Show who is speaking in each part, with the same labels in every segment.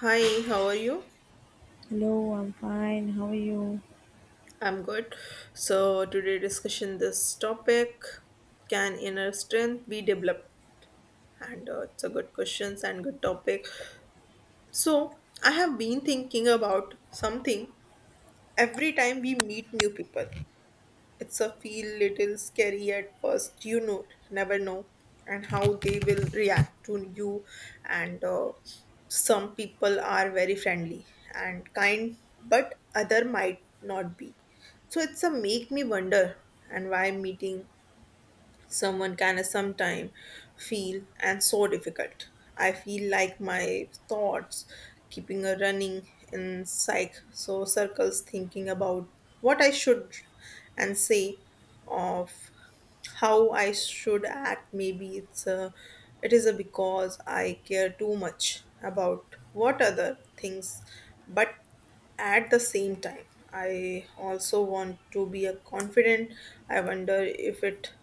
Speaker 1: Hi, how are you?
Speaker 2: Hello, I'm fine. How are you?
Speaker 1: I'm good. So today discussion this topic, can inner strength be developed? And it's a good questions and good topic. So I have been thinking about something every time we meet new people. It's a feel little scary at first, you know, never know, and how they will react to you. And some people are very friendly and kind, but other might not be. So it's a make me wonder and why meeting someone can sometime feel and so difficult. I feel like my thoughts keeping a running in psych so circles thinking about what I should and say of how I should act. Maybe it is a because I care too much about what other things but at the same time I also want to be a confident. I wonder if it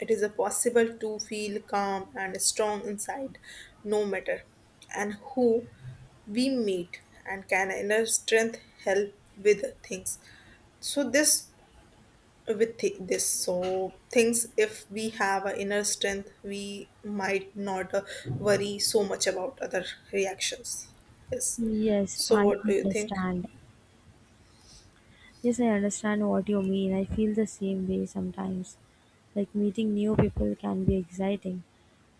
Speaker 1: it is a possible to feel calm and strong inside, no matter and who we meet, and can inner strength help with things. So this with this so things if we have an inner strength we might not worry so much about other reactions yes
Speaker 2: Yes,
Speaker 1: so
Speaker 2: I
Speaker 1: what do you think
Speaker 2: understand. Yes, I understand what you mean. I feel the same way sometimes. Like meeting new people can be exciting,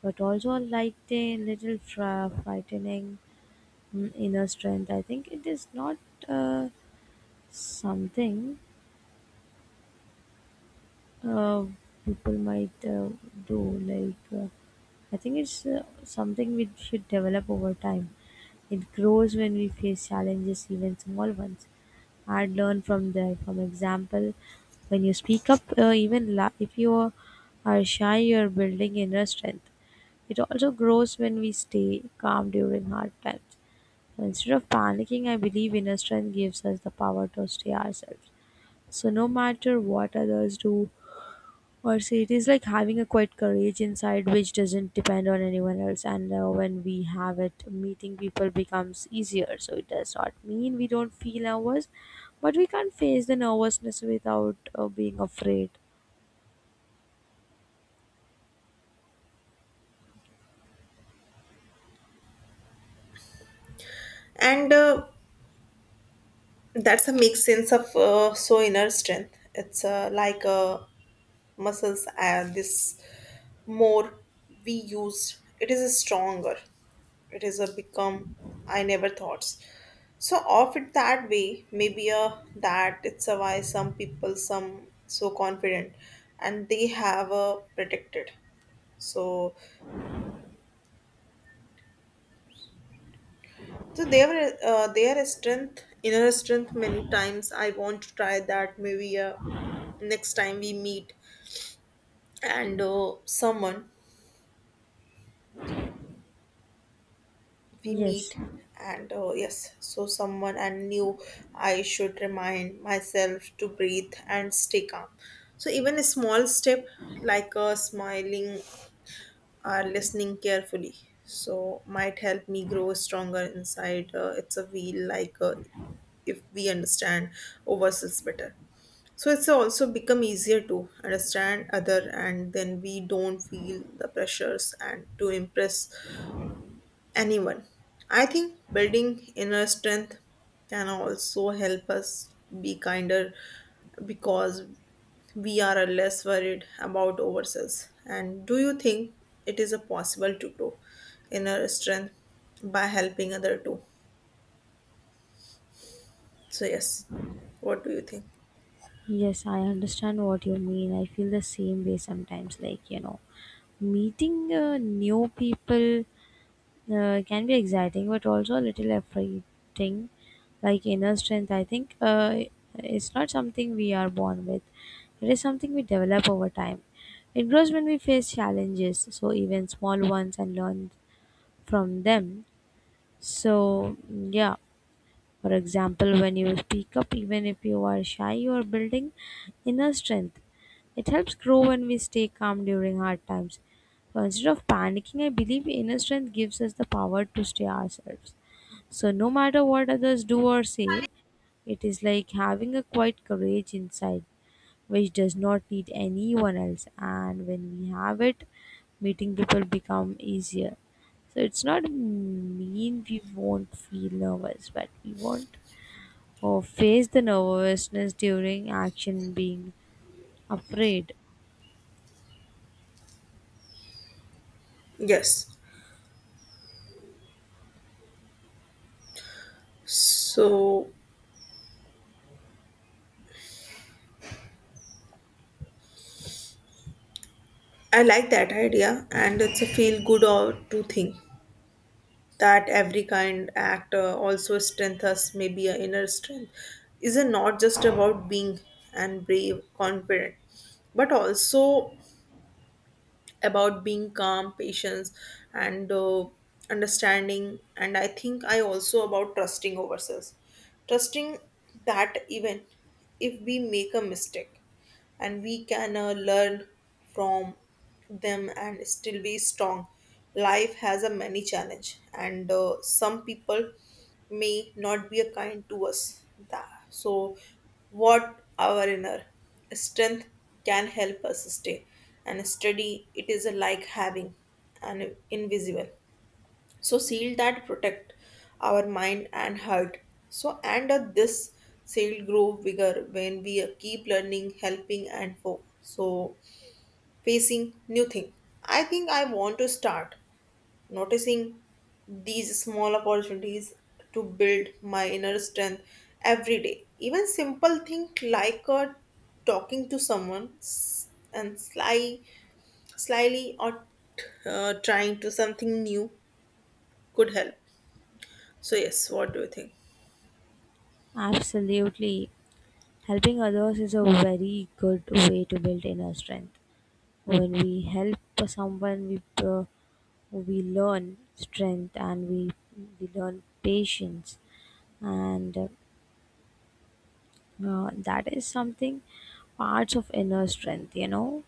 Speaker 2: but also like a little frightening. Mm, inner strength. I think it is not uh, something uh, people might do. Like uh, I think it's something we should develop over time. It grows when we face challenges, even small ones. I'd learn from there. For example, when you speak up, even if you are shy, you're building inner strength. It also grows when we stay calm during hard times. So instead of panicking, I believe inner strength gives us the power to stay ourselves. So no matter what others do, or say, it is like having a quiet courage inside which doesn't depend on anyone else. And When we have it, meeting people becomes easier. So it does not mean we don't feel nervous, but we can't face the nervousness without being afraid.
Speaker 1: and that's a make sense of so inner strength it's like muscles and this more we use it is a stronger it is a become. I never thoughts so of it that way maybe a that it's a why some people some so confident and they have a protected so so they were their strength inner strength many times. I want to try that maybe next time we meet and someone we
Speaker 2: Yes,
Speaker 1: meet. And yes so someone I knew. I should remind myself to breathe and stay calm so even a small step like a smiling or listening carefully so might help me grow stronger inside it's a wheel like if we understand ourselves better so it's also become easier to understand other and then we don't feel the pressures and to impress anyone. I think building inner strength can also help us be kinder because we are less worried about ourselves. And do you think it is a possible to grow inner strength by helping other too? So yes. What do you think?
Speaker 2: yes, I understand what you mean. I feel the same way sometimes. Like, you know, meeting new people can be exciting, but also a little affecting. Like inner strength, I think, it's not something we are born with. It is something we develop over time. It grows when we face challenges, so even small ones, and learn from them. So yeah, for example, when you speak up, even if you are shy, you are building inner strength. It helps grow when we stay calm during hard times. So instead of panicking, I believe inner strength gives us the power to stay ourselves. So no matter what others do or say, it is like having a quiet courage inside which does not need anyone else. And when we have it, meeting people become easier. So it's not mean we won't feel nervous, but we won't or face the nervousness during action being afraid.
Speaker 1: Yes. So I like that idea and it's a feel good or to think. That every kind act also strength us maybe a inner strength is it not just about being and brave confident but also about being calm patience and understanding. And I think I also about trusting ourselves, trusting that even if we make a mistake and we can learn from them and still be strong. Life has a many challenge and some people may not be a kind to us. That so what our inner strength can help us stay and steady. It is like having an invisible so seal that protect our mind and heart so and this seal grow bigger when we keep learning helping and so facing new thing. I think I want to start noticing these small opportunities to build my inner strength every day even simple thing like talking to someone and slyly or trying to something new could help so yes, what do you think?
Speaker 2: Absolutely. Helping others is a very good way to build inner strength. When we help someone, we learn strength, and we learn patience, and that is something parts of inner strength. You know,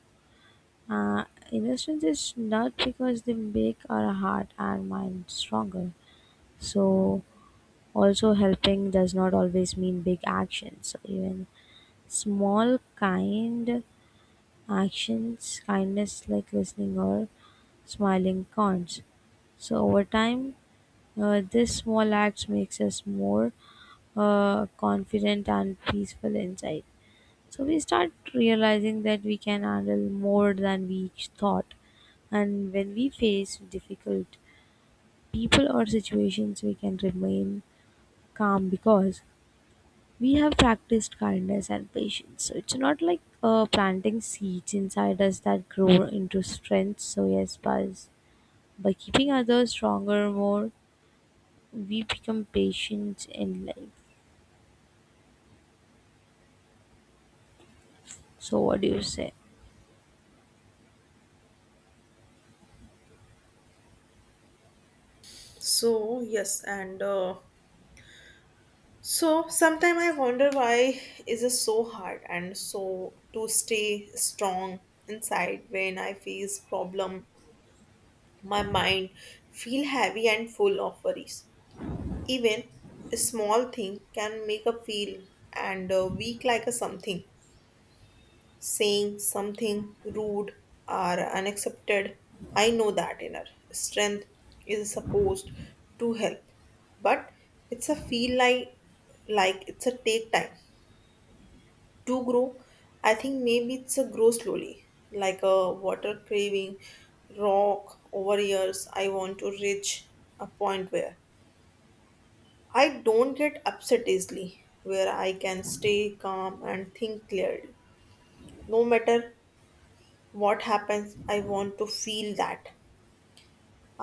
Speaker 2: uh, inner strength is not because they make our heart and mind stronger. So also, helping does not always mean big actions. Even small kind actions, kindness, like listening or smiling counts. So over time, this small acts makes us more confident and peaceful inside. So we start realizing that we can handle more than we each thought. And when we face difficult people or situations, we can remain calm because we have practiced kindness and patience. So it's not like planting seeds inside us that grow into strength. So yes, by keeping others stronger more, we become patient in life. So what do you say?
Speaker 1: So yes, and so sometime I wonder why is it so hard and so to stay strong inside when I face problem. My mind feel heavy and full of worries. Even a small thing can make a feel and weak like a something. Saying something rude or unaccepted. I know that inner strength is supposed to help, but it's a feel like it's a take time to grow. I think maybe it's a grow slowly, like a water craving rock over years. I want to reach a point where I don't get upset easily, where I can stay calm and think clearly, no matter what happens. I want to feel that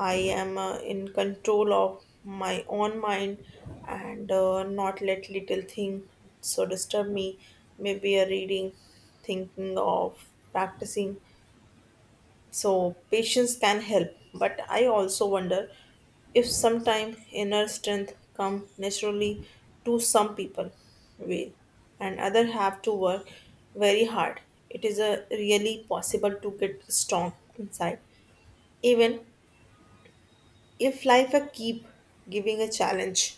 Speaker 1: I am in control of my own mind and not let little thing so disturb me maybe a reading thinking of practicing so patience can help but I also wonder if sometime inner strength come naturally to some people way, and other have to work very hard. It is a really possible to get strong inside even if life a keep giving a challenge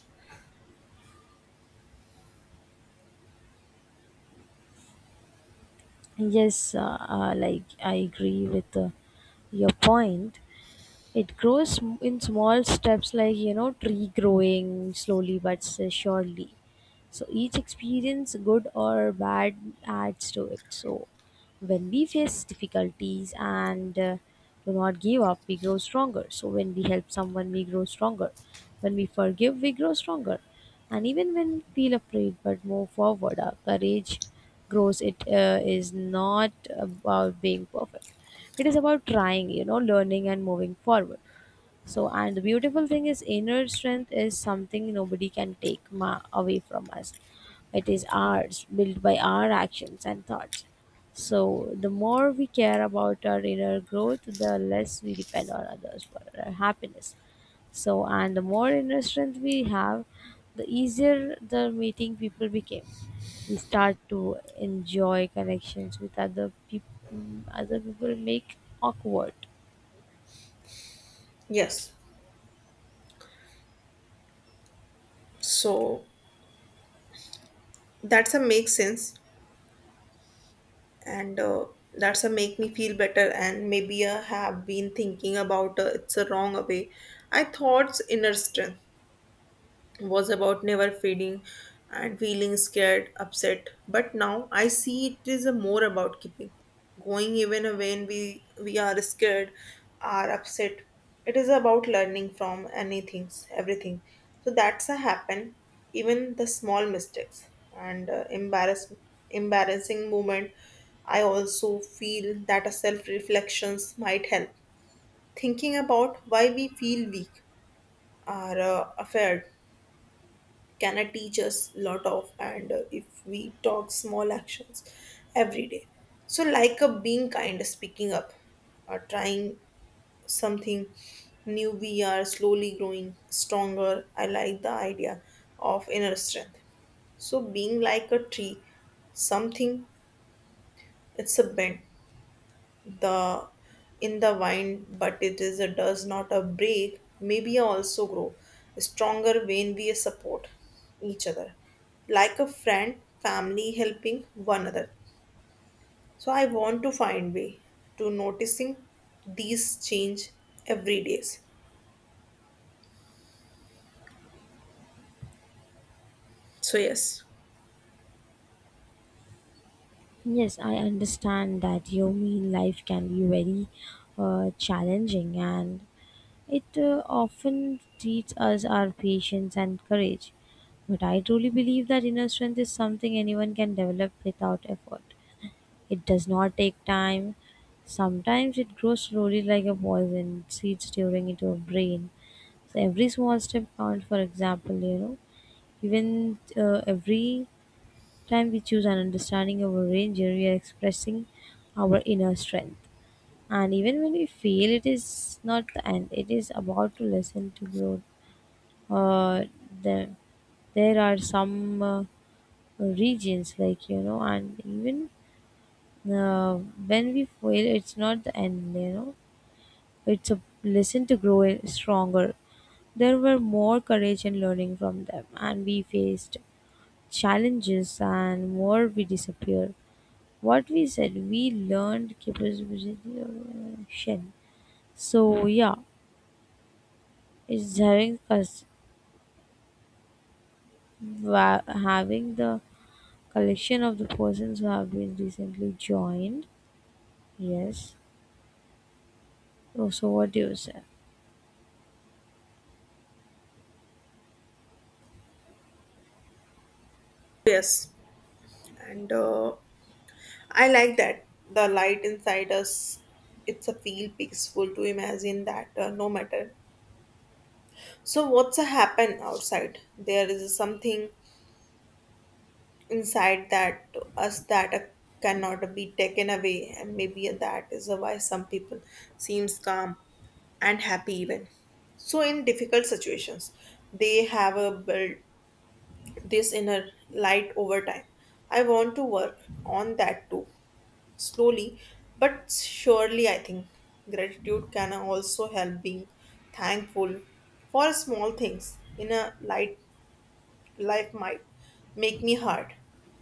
Speaker 2: Yes, I agree with your point. It grows in small steps, like, you know, tree growing slowly but surely. So each experience, good or bad, adds to it. So when we face difficulties, and do not give up, we grow stronger. So when we help someone, we grow stronger. When we forgive, we grow stronger. And even when we feel afraid but move forward, our courage grows. It is not about being perfect. It is about trying, you know, learning and moving forward. So, and the beautiful thing is, inner strength is something nobody can take away from us. It is ours, built by our actions and thoughts. So the more we care about our inner growth, the less we depend on others for our happiness. So, and the more inner strength we have, the easier the meeting people became. We start to enjoy connections with other people. Other people make awkward.
Speaker 1: yes so that's a make sense and that's a make me feel better and maybe I have been thinking about it's a wrong way. I thought inner strength was about never fading and feeling scared, upset. But now I see it is a more about keeping going even when we are scared, are upset. It is about learning from anything, everything. So that's a happen, even the small mistakes and embarrassing moment. I also feel that a self reflections might help. Thinking about why we feel weak or afraid can teach us lot of and if we talk small actions every day so like a being kind speaking up or trying something new we are slowly growing stronger. I like the idea of inner strength so being like a tree something it's a bend the in the vine but it is a does not a break maybe also grow stronger when we support each other like a friend family helping one another so I want to find way to noticing these change every days so yes
Speaker 2: Yes, I understand that your mean life can be very challenging, and it often teaches us our patience and courage. But I truly believe that inner strength is something anyone can develop without effort. It does not take time. Sometimes it grows slowly, like a poison, seeds during into a brain. So every small step counts. For example, you know, even every time we choose an understanding of a ranger, we are expressing our inner strength. And even when we fail, it is not the end. It is about to listen to grow. Uh, there, there are some regions like, you know, and even uh, when we fail, it's not the end, you know, it's a lesson to grow stronger. There were more courage in learning from them, and we faced challenges, and more we disappear. What we said, we learned capability of action. So yeah, it's having us having the collection of the persons who have been recently joined. Yes. Oh, so what do you say?
Speaker 1: yes and I like that the light inside us it's a feel peaceful to imagine that no matter. So what's a happen outside? There is something inside that us that cannot be taken away, and maybe that is why some people seems calm and happy even. So in difficult situations, they have a build this inner light over time. I want to work on that too, slowly but surely. I think gratitude can also help being thankful for small things in a light life might make me hard.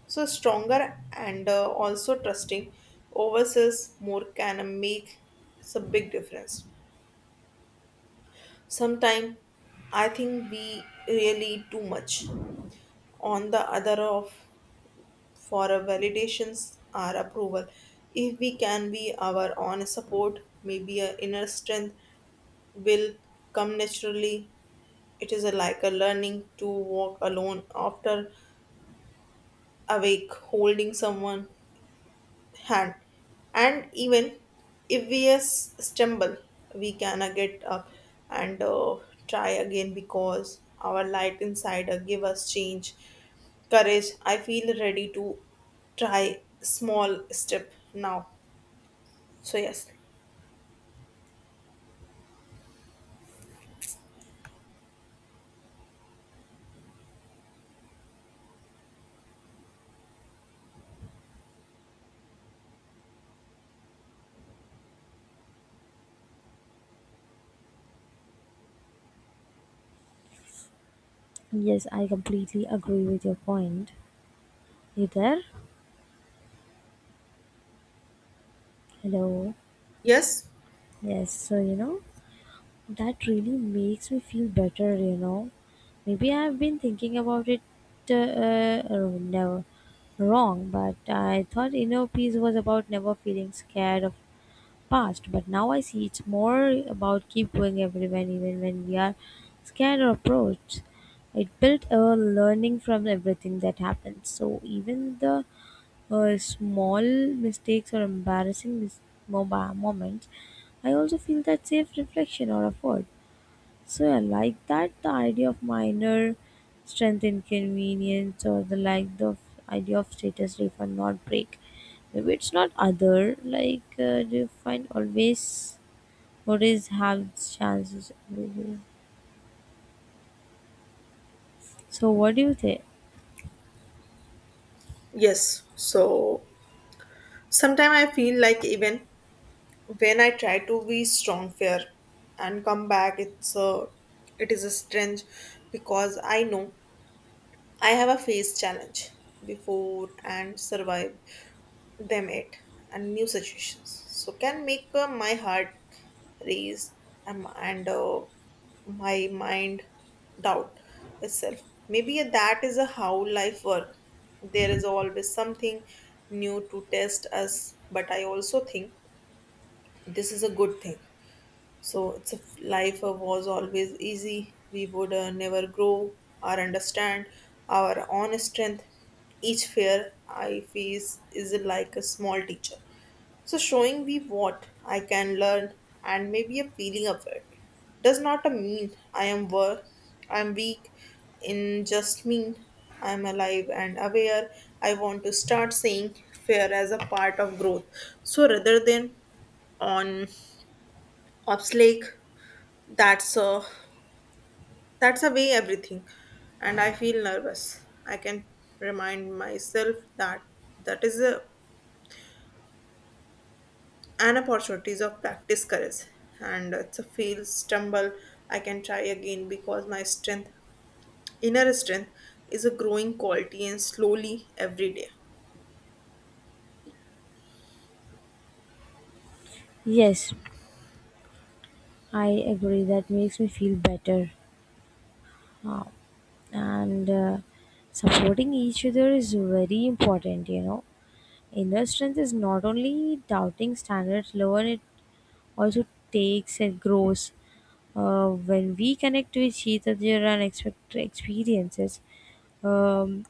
Speaker 1: So stronger and also trusting overseas more can make it's a big difference. Sometimes I think we really too much on the other of for a validations or approval. If we can be our own support, maybe a inner strength will come naturally. It is a, like a learning to walk alone after awake, holding someone hand and even if we stumble we can get up and try again because our light inside give us change courage. I feel ready to try small step now so yes
Speaker 2: Yes, I completely agree with your point. You there? Hello.
Speaker 1: yes
Speaker 2: Yes, so you know, that really makes me feel better, you know. Maybe I've been thinking about it, never wrong, but I thought inner peace was about never feeling scared of past, but now I see it's more about keep going everywhere even when we are scared or approached. It built a learning from everything that happens. So even the small mistakes or embarrassing moments, I also feel that safe reflection or effort. So I like that the idea of minor strength inconvenience or the like idea of status refund not break. Maybe it's not other like, do you find always what is have chances. So what do you think?
Speaker 1: yes so sometimes I feel like even when I try to be strong fair and come back it's a it is a strange because I know I have a face challenge before and survived them it and new situations. So can make my heart race and my mind doubt itself. Maybe that is a how life work. There is always something new to test us, but I also think this is a good thing so it's if life was always easy, we would never grow or understand our own strength. Each fear I face is like a small teacher. So showing me what I can learn and maybe a feeling of it does not mean I am weak. In just mean I am alive and aware. I want to start seeing fear as a part of growth. So rather than on obstacle that's a that's a way everything, and I feel nervous. I can remind myself that that is a, an opportunities of practice courage, and it's a fail stumble. I can try again because my strength, inner strength, is a growing quality and slowly every day.
Speaker 2: Yes, I agree. That makes me feel better. Ah, and supporting each other is very important, you know. Inner strength is not only doubting standards lower, it also takes and grows when we connect with each other and expect experiences. um,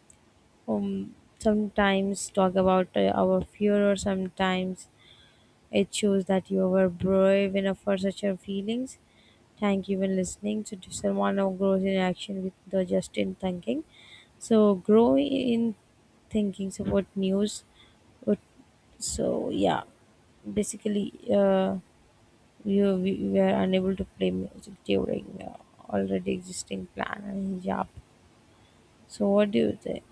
Speaker 2: um sometimes talk about our fear, or sometimes it shows that you were brave enough for such a feelings. Thank you for listening to someone grows in action with the just in thinking. So grow in thinking support news. What- So yeah, basically, uh, we, we were unable to play music during already existing plan and hijab. So what do you think?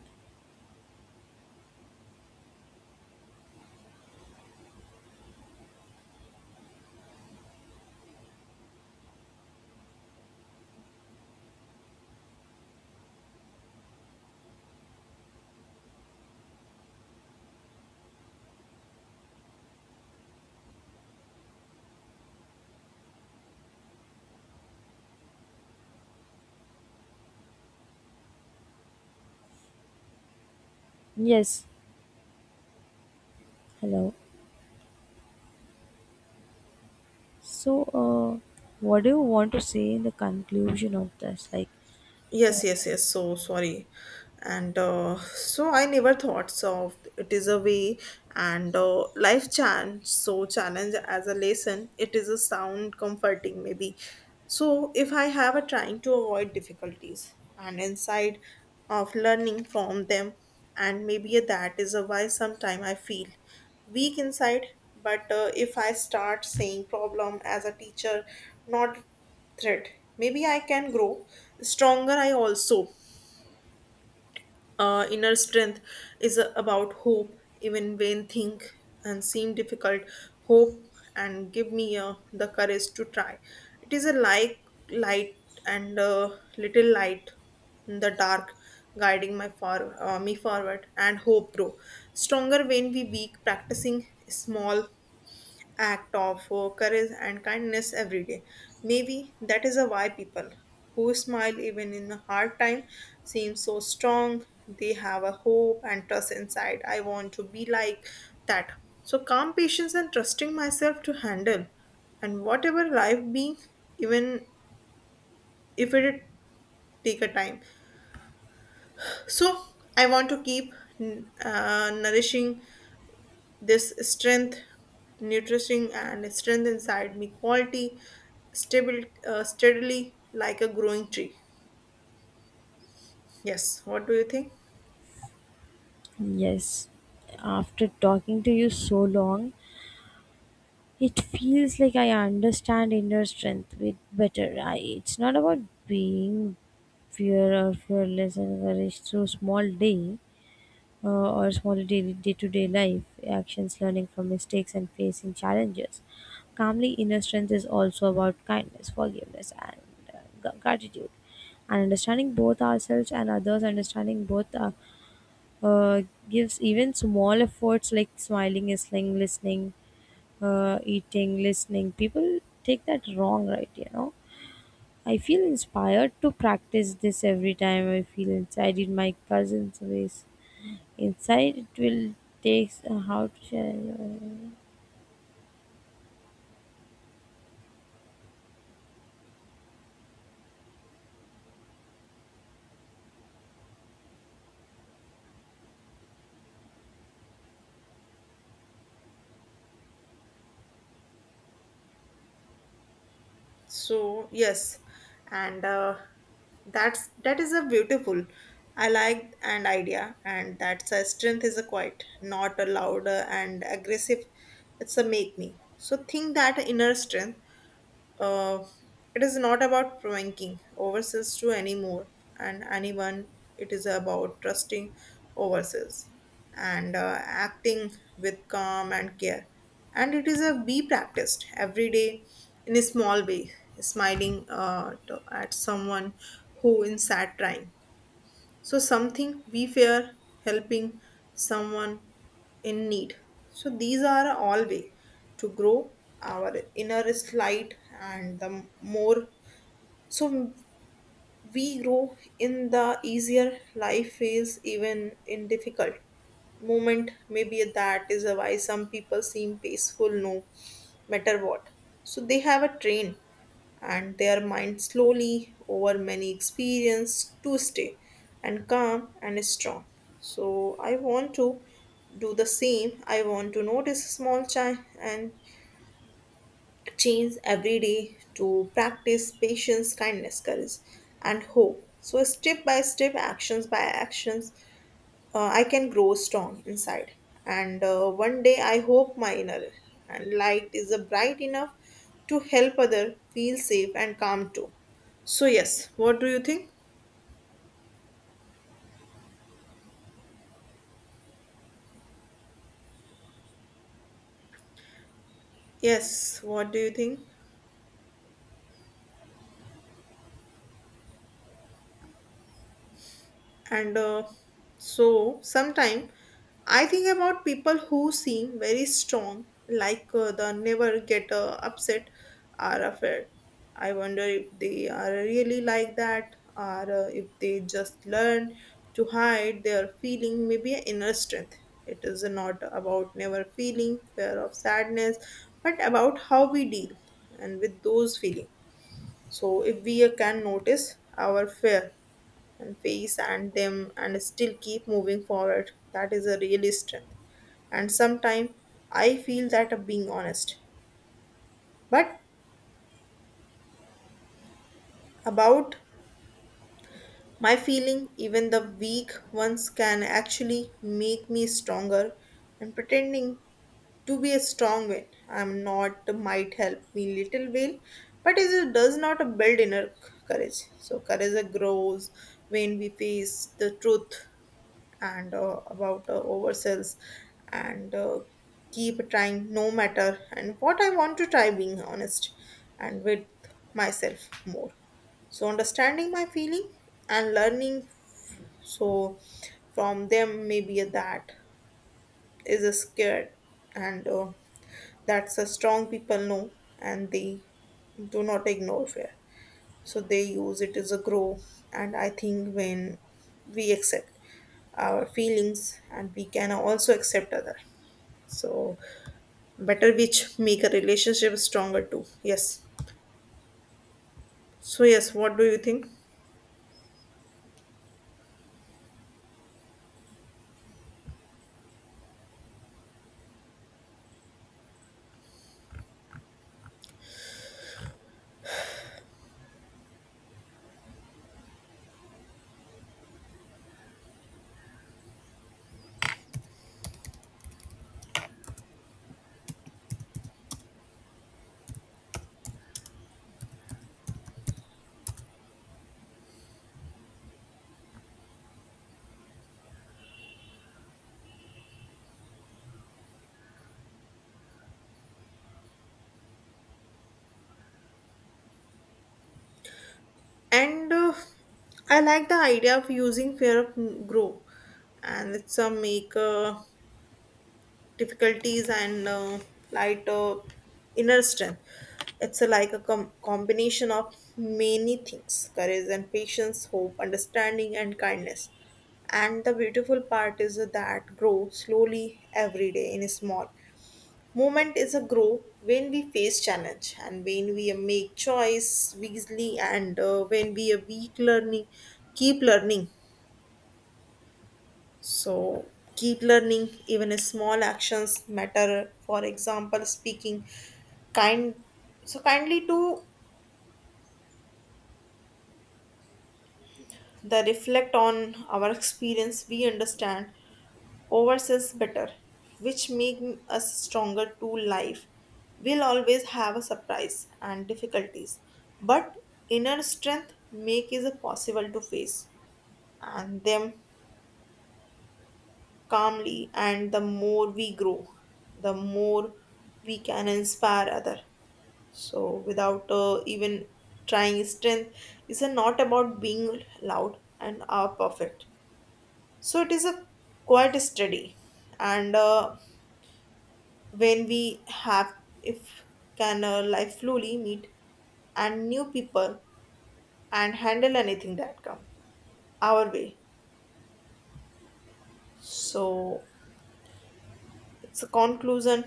Speaker 2: Yes. Hello. So uh, what do you want to say in the conclusion of this? Like,
Speaker 1: Yes, yes, yes. So sorry. And so I never thought so it is a way and life challenge. So challenge as a lesson, it is a sound comforting maybe. So if I have a trying to avoid difficulties and inside of learning from them and maybe that is a why sometime I feel weak inside but if I start saying problem as a teacher not threat. Maybe I can grow stronger. I also inner strength is about hope, even when think and seem difficult. Hope and give me the courage to try. It is a like light and little light in the dark, guiding my far me forward and hope grow stronger when we weak. Practicing small act of courage and kindness every day. Maybe that is a why people who smile even in a hard time seem so strong. They have a hope and trust inside. I want to be like that. So calm patience and trusting myself to handle and whatever life being even if it take a time so I want to keep nourishing this strength, nutrition, and strength inside me, quality, stable, steadily like a growing tree. Yes, what do you think?
Speaker 2: yes, after talking to you so long. It feels like I understand inner strength with better. I, it's not about being fear or fearless and courage through small day or small daily day-to-day life actions, learning from mistakes and facing challenges. Calmly, inner strength is also about kindness, forgiveness, and gratitude. And understanding both ourselves and others, understanding both uh, gives even small efforts like smiling, listening, listening, eating, listening. People take that wrong, right? You know, I feel inspired to practice this every time I feel inside in my cousin's ways. Inside, it will take how to share.
Speaker 1: So yes, and that is a beautiful. I like an idea, and that's a strength is a quiet, not a louder and aggressive. It's a make me. So think that inner strength Uh, it is not about pranking ourselves to anymore and anyone. It is about trusting ourselves and acting with calm and care. And it is a be practiced every day in a small way, smiling to, at someone who is sad trying. So something we fear helping someone in need. So these are all way to grow our inner light and the more so we grow in the easier life phase even in difficult moment. Maybe that is why some people seem peaceful no matter what. So they have a train and their mind slowly over many experience to stay and calm and strong. So I want to do the same. I want to notice small change and change every day to practice patience, kindness, courage, and hope. So step by step, actions by actions, I can grow strong inside. And one day I hope my inner and light is a bright enough to help other feel safe and calm too. So yes, what do you think? Yes, what do you think? And So sometimes I think about people who seem very strong, like they never get upset or afraid. I wonder if they are really like that, or if they just learn to hide their feeling. Maybe an inner strength, it is not about never feeling fear of sadness, but about how we deal and with those feelings. So if we can notice our fear and face and them and still keep moving forward, that is a real strength. And sometimes I feel that of being honest. But about my feeling, even the weak ones can actually make me stronger. And pretending to be a strong will, I'm not might help me little will, but it does not build inner courage. So courage grows when we face the truth and about oversells and keep trying no matter and what. I want to try being honest and with myself more, so understanding my feeling and learning so from them. Maybe that is a scared and that's a strong people know, and they do not ignore fear, so they use it as a grow. And I think when we accept our feelings, and we can also accept other so better, which make a relationship stronger too. Yes, so yes, what do you think? And I like the idea of using fear of grow, and it's a make difficulties and light inner strength. It's a, like a combination of many things: courage and patience, hope, understanding, and kindness. And the beautiful part is that grow slowly every day in a small. Moment is a grow when we face challenge, and when we make choice wisely, and when we are weak learning, keep learning so keep learning, even small actions matter. For example, speaking kind so kindly to the reflect on our experience, we understand ourselves better, which make us stronger to life. We'll always have a surprise and difficulties, but inner strength make is a possible to face and them calmly, and the more we grow, the more we can inspire other. So, without even trying, strength is not about being loud and are perfect. So, it is a quite steady. And when we have, if can life slowly meet and new people and handle anything that come our way. So, it's a conclusion.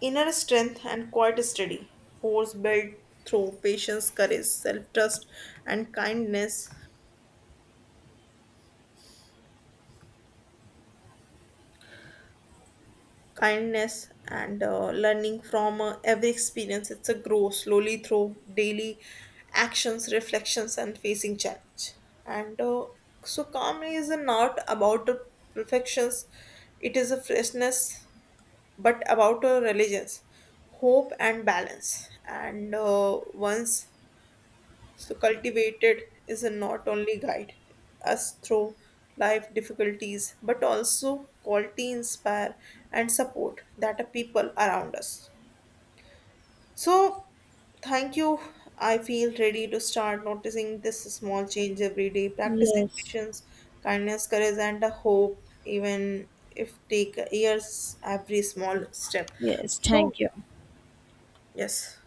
Speaker 1: Inner strength and quite steady. Force built through patience, courage, self trust, and kindness and learning from every experience. It's a grow slowly through daily actions, reflections, and facing challenge and so calmly is not about the perfections, it is a freshness, but about a religions, hope, and balance, and once so, cultivated is a not only guide us through life difficulties, but also quality, inspire, and support that are people around us. So, thank you. I feel ready to start noticing this small change every day, practicing
Speaker 2: Yes,
Speaker 1: patience, kindness, courage, and a hope, even if take years every small step.
Speaker 2: yes,
Speaker 1: So,
Speaker 2: thank you.
Speaker 1: yes.